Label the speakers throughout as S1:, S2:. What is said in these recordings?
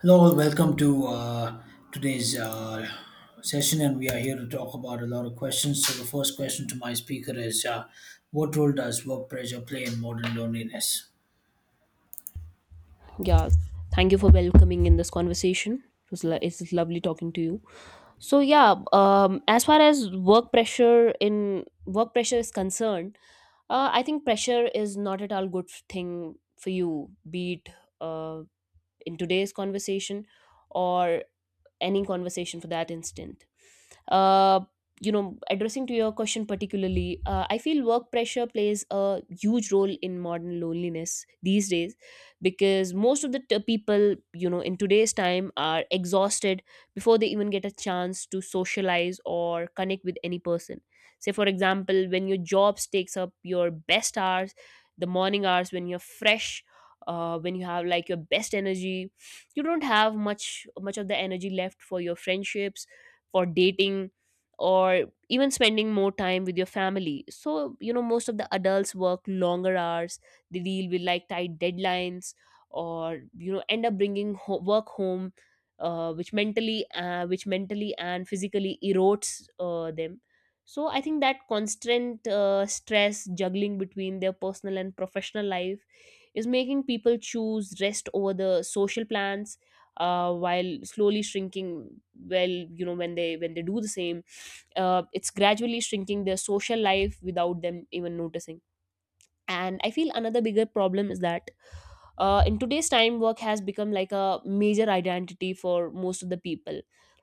S1: Hello, welcome to today's session, and we are here to talk about a lot of questions. So, the first question to my speaker is what role does work pressure play in modern loneliness?
S2: Yeah, thank you for welcoming in this conversation. It was It's lovely talking to you. So yeah, as far as work pressure in work pressure is concerned, I think pressure is not at all good thing for you. Be it uh, in today's conversation or any conversation for that instant, uh, you know, addressing to your question particularly, I feel work pressure plays a huge role in modern loneliness these days because most of the people, you know, in today's time are exhausted before they even get a chance to socialize or connect with any person. Say for example, when your jobs takes up your best hours, the morning hours when you're fresh, when you have like your best energy, you don't have much of the energy left for your friendships, for dating, or even spending more time with your family. So you know, most of the adults work longer hours, they deal with like tight deadlines, or you know, end up bringing work home, which mentally which mentally and physically erodes them. So I think that constant stress juggling between their personal and professional life is making people choose rest over the social plans, while slowly shrinking, well, you know, when they do the same, it's gradually shrinking their social life without them even noticing. And I feel another bigger problem is that, in today's time, work has become like a major identity for most of the people.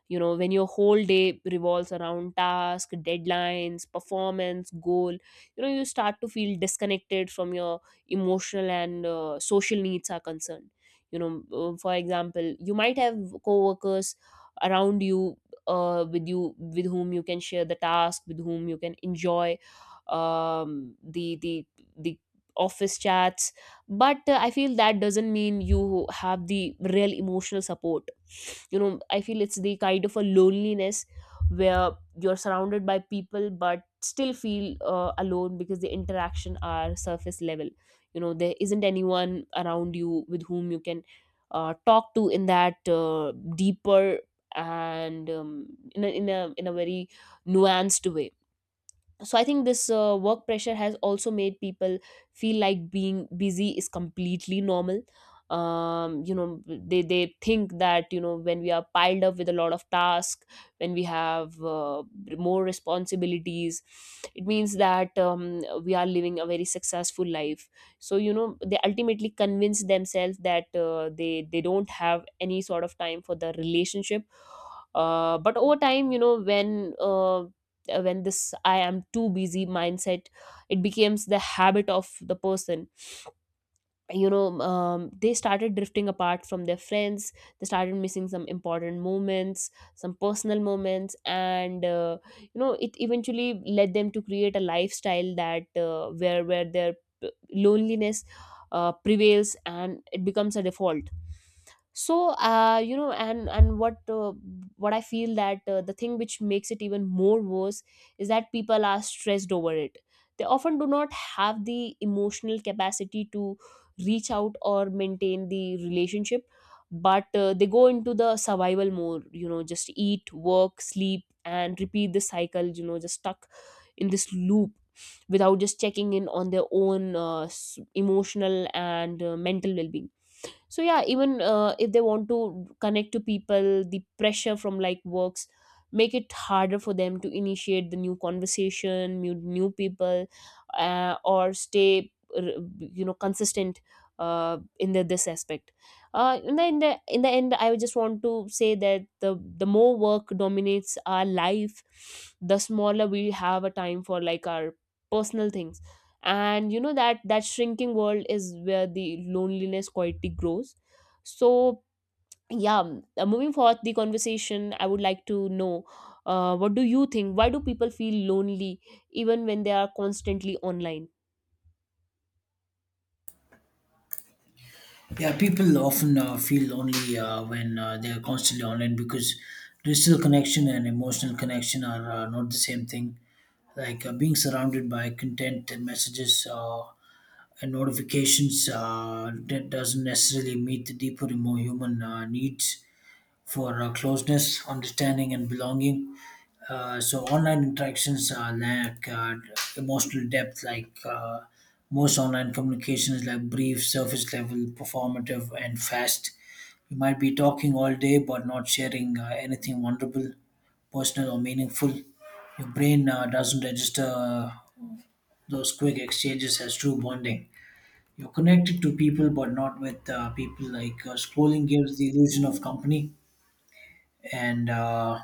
S2: You know, when your whole day revolves around task deadlines, performance goal, you know, you start to feel disconnected from your emotional and social needs are concerned. You know, for example, you might have coworkers around you, with you, with whom you can share the task, with whom you can enjoy um, the the the office chats. But I feel that doesn't mean you have the real emotional support. You know, I feel it's the kind of a loneliness where you're surrounded by people but still feel alone because the interaction are surface level. You know, there isn't anyone around you with whom you can talk to in that deeper and in a very nuanced way. So I think this work pressure has also made people feel like being busy is completely normal. Um, you know, they think that, you know, when we are piled up with a lot of tasks, when we have, more responsibilities, it means that, we are living a very successful life. So you know, they ultimately convince themselves that, they don't have any sort of time for the relationship. But over time, you know, when this I am too busy mindset, it becomes the habit of the person. You know, they started drifting apart from their friends. They started missing some important moments, some personal moments, and you know, it eventually led them to create a lifestyle that, where their loneliness prevails and it becomes a default. So you know, and what I feel that, the thing which makes it even more worse is that people are stressed over it, they often do not have the emotional capacity to reach out or maintain the relationship. But they go into the survival mode, you know, just eat, work, sleep, and repeat the cycle, you know, just stuck in this loop without just checking in on their own emotional and mental well-being. So yeah, even if they want to connect to people, the pressure from like works make it harder for them to initiate the new conversation, new people, or stay you know, consistent in this aspect. In the end, I just want to say that, the more work dominates our life, the smaller we have a time for like our personal things. And you know, that shrinking world is where the loneliness quietly grows. So yeah, moving forward the conversation, I would like to know, what do you think, why do people feel lonely even when they are constantly online?
S1: Yeah, people often feel lonely when they're constantly online because digital connection and emotional connection are not the same thing. Like being surrounded by content and messages and notifications that doesn't necessarily meet the deeper human needs for closeness, understanding, and belonging. So online interactions lack emotional depth. Like most online communications, like brief, surface level, performative, and fast. You might be talking all day but not sharing anything wonderful, personal, or meaningful. Your brain doesn't register those quick exchanges as true bonding. You're connected to people but not with people. Like scrolling gives the illusion of company and uh,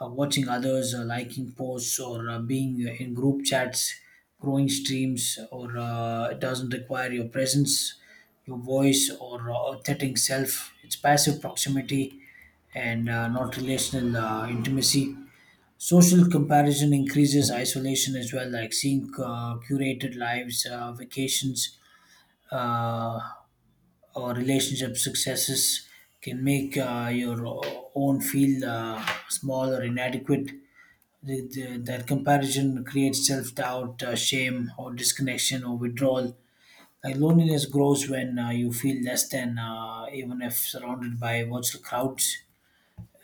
S1: uh, watching others liking posts or being in group chats, growing streams, or it doesn't require your presence, your voice, or authentic self. It's passive proximity and not relational intimacy. Social comparison increases isolation as well, like seeing curated lives, vacations, uh, or relationship successes can make your own feel small or inadequate. That comparison creates self doubt, shame, or disconnection or withdrawal. Like loneliness grows when you feel less than, even if surrounded by virtual crowds.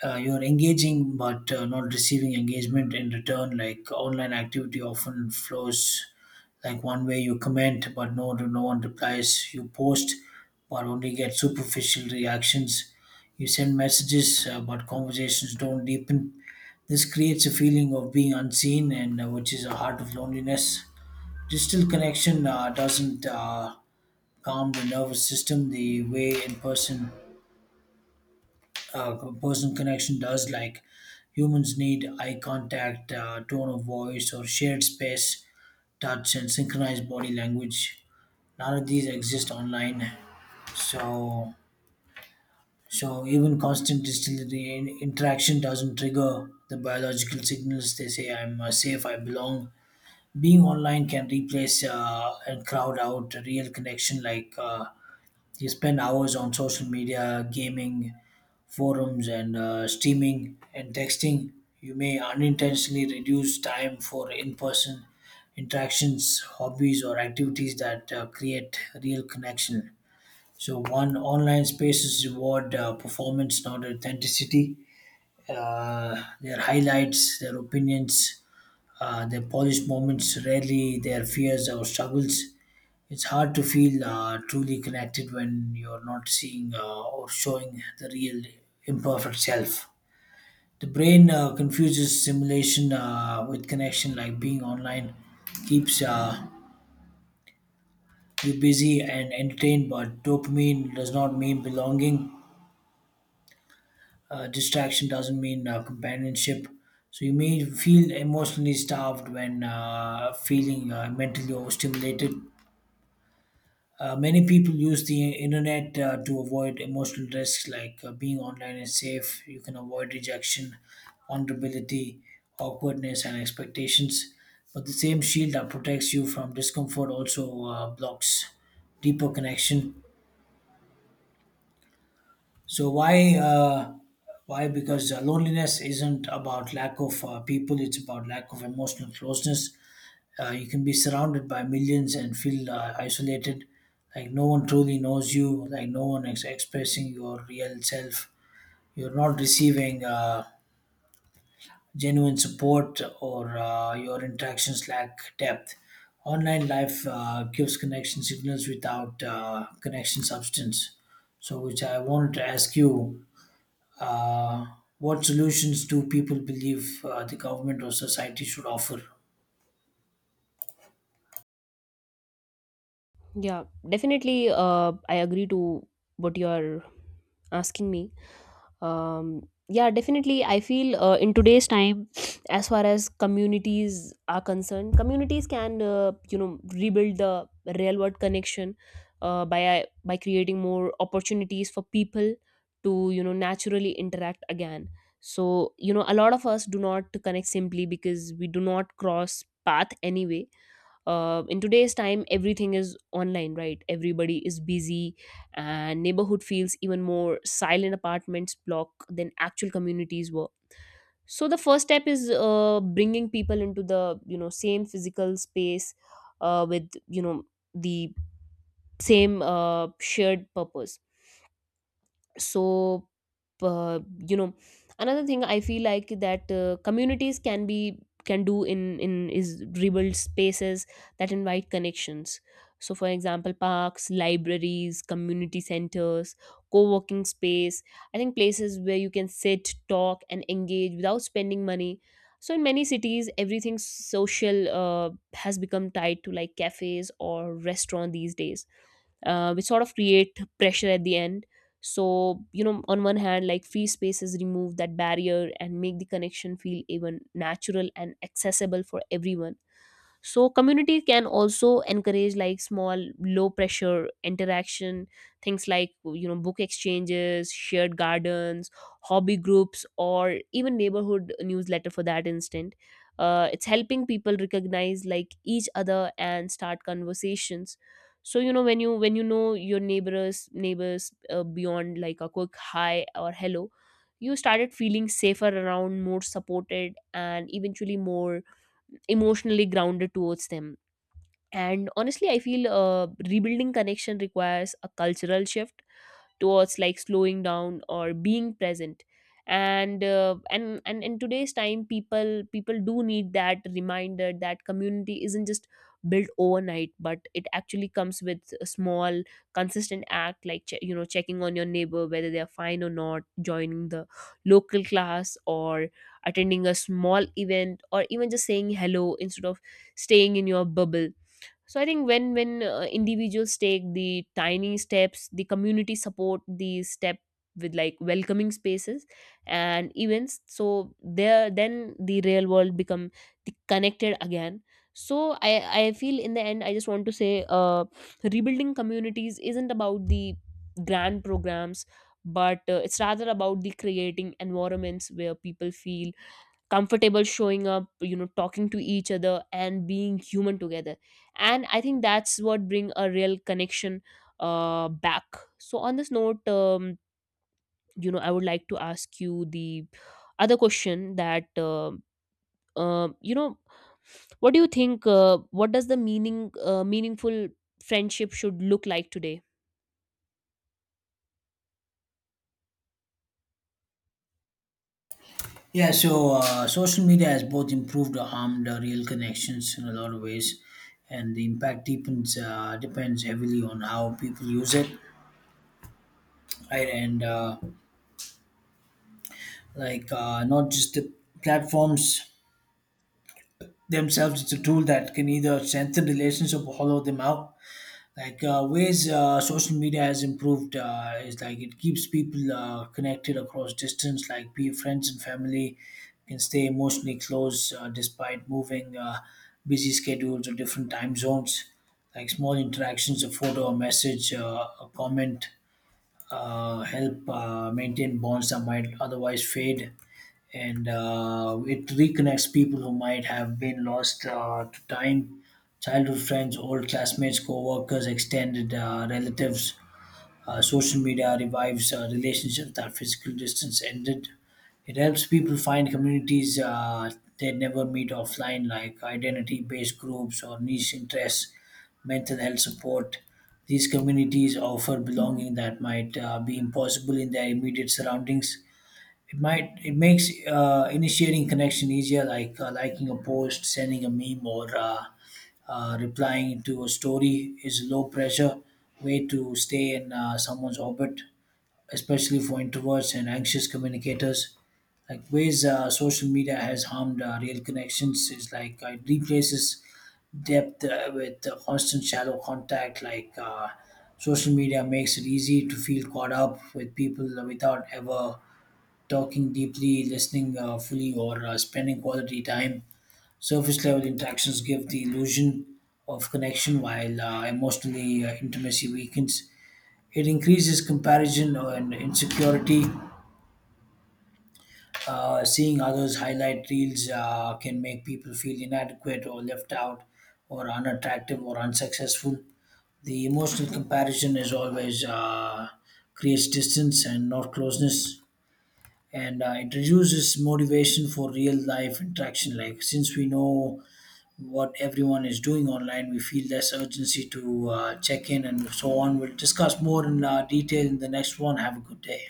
S1: You're engaging but not receiving engagement in return. Like online activity often flows like one way. You comment, but no one replies. You post, but only get superficial reactions. You send messages, but conversations don't deepen. This creates a feeling of being unseen, and which is a heart of loneliness. Digital connection doesn't calm the nervous system the way in person uh, person connection does. Like humans need eye contact, tone of voice, or shared space, touch, and synchronized body language. None of these exist online, so so even constant distillery interaction doesn't trigger the biological signals. They say I'm safe, I belong. Being online can replace and crowd out a real connection. Like you spend hours on social media, gaming forums, and streaming and texting. You may unintentionally reduce time for in-person interactions, hobbies, or activities that create real connection. So one, online spaces reward performance, not authenticity. Their highlights, their opinions, their polished moments, rarely their fears or struggles. It's hard to feel truly connected when you're not seeing or showing the real imperfect self. The brain confuses simulation with connection. Like being online keeps you busy and entertained, but dopamine does not mean belonging. Distraction doesn't mean companionship. So you may feel emotionally starved when feeling mentally overstimulated. Many people use the internet to avoid emotional risks. Like being online is safe. You can avoid rejection, vulnerability, awkwardness, and expectations. But the same shield that protects you from discomfort also blocks deeper connection. So why, because loneliness isn't about lack of people; it's about lack of emotional closeness. You can be surrounded by millions and feel isolated, like no one truly knows you, like no one is expressing your real self. You're not receiving genuine support, or your interactions lack depth. Online life gives connection signals without connection substance. So, which I wanted to ask you uh, what solutions do people believe the government or society should offer?
S2: Yeah, definitely, I agree to what you are asking me. Yeah, definitely I feel, in today's time, as far as communities are concerned, communities can, you know, rebuild the real world connection, by creating more opportunities for people to, you know, naturally interact again. So you know, a lot of us do not connect simply because we do not cross path anyway. In today's time, everything is online, right, everybody is busy, and neighborhood feels even more silent apartments block than actual communities were. So the first step is, bringing people into the, you know, same physical space, with, you know, the same shared purpose. So, uh, you know, another thing I feel like that, communities can be, can do in is rebuild spaces that invite connections. So for example, parks, libraries, community centers, co-working space, I think places where you can sit, talk, and engage without spending money. So in many cities, everything social, has become tied to like cafes or restaurant these days, which sort of create pressure at the end. So you know, on one hand, like free spaces remove that barrier and make the connection feel even natural and accessible for everyone. So community can also encourage like small low pressure interaction, things like, you know, book exchanges, shared gardens, hobby groups, or even neighborhood newsletter for that instant. It's helping people recognize like each other and start conversations. So you know, when you, when you know your neighbors, beyond like a quick hi or hello, you started feeling safer around, more supported, and eventually more emotionally grounded towards them. And honestly, I feel, rebuilding connection requires a cultural shift towards like slowing down or being present. And and in today's time, people do need that reminder that community isn't just built overnight but it actually comes with a small consistent act, like you know, checking on your neighbor whether they are fine or not, joining the local class, or attending a small event, or even just saying hello instead of staying in your bubble. So I think, when individuals take the tiny steps, the community support the step with like welcoming spaces and events, so there, then the real world become the connected again. So i i feel in the end, I just want to say, uh, rebuilding communities isn't about the grand programs, but it's rather about the creating environments where people feel comfortable showing up, you know, talking to each other and being human together. And I think that's what bring a real connection back. So on this note, you know, I would like to ask you the other question that, you know, what do you think, what does the meaning meaningful friendship should look like today?
S1: Yeah, so social media has both improved or harmed real connections in a lot of ways, and the impact depends heavily on how people use it, right? And like not just the platforms themselves; it's a tool that can either strengthen relationships or hollow them out. Like ways social media has improved is, like, it keeps people connected across distance. Like be friends and family can stay emotionally close despite moving, busy schedules, or different time zones. Like small interactions, a photo, a message, a comment, help maintain bonds that might otherwise fade. And it reconnects people who might have been lost to time: childhood friends, old classmates, co-workers, extended relatives. Social media revives relationships that physical distance ended. It helps people find communities they never meet offline, like identity based groups or niche interests, mental health support. These communities offer belonging that might be impossible in their immediate surroundings. It might, it makes initiating connection easier. Like liking a post, sending a meme, or replying to a story is a low pressure way to stay in someone's orbit, especially for introverts and anxious communicators. Like ways social media has harmed real connections is, like it replaces depth with constant shallow contact. Like social media makes it easy to feel caught up with people without ever talking deeply, listening fully, or spending quality time. Surface level interactions give the illusion of connection while emotionally intimacy weakens. It increases comparison and insecurity. Seeing others' highlight reels can make people feel inadequate or left out or unattractive or unsuccessful. The emotional comparison is always, creates distance and not closeness. And it reduces motivation for real life interaction. Like since we know what everyone is doing online, we feel less urgency to check in, and so on. We'll discuss more in detail in the next one. Have a good day.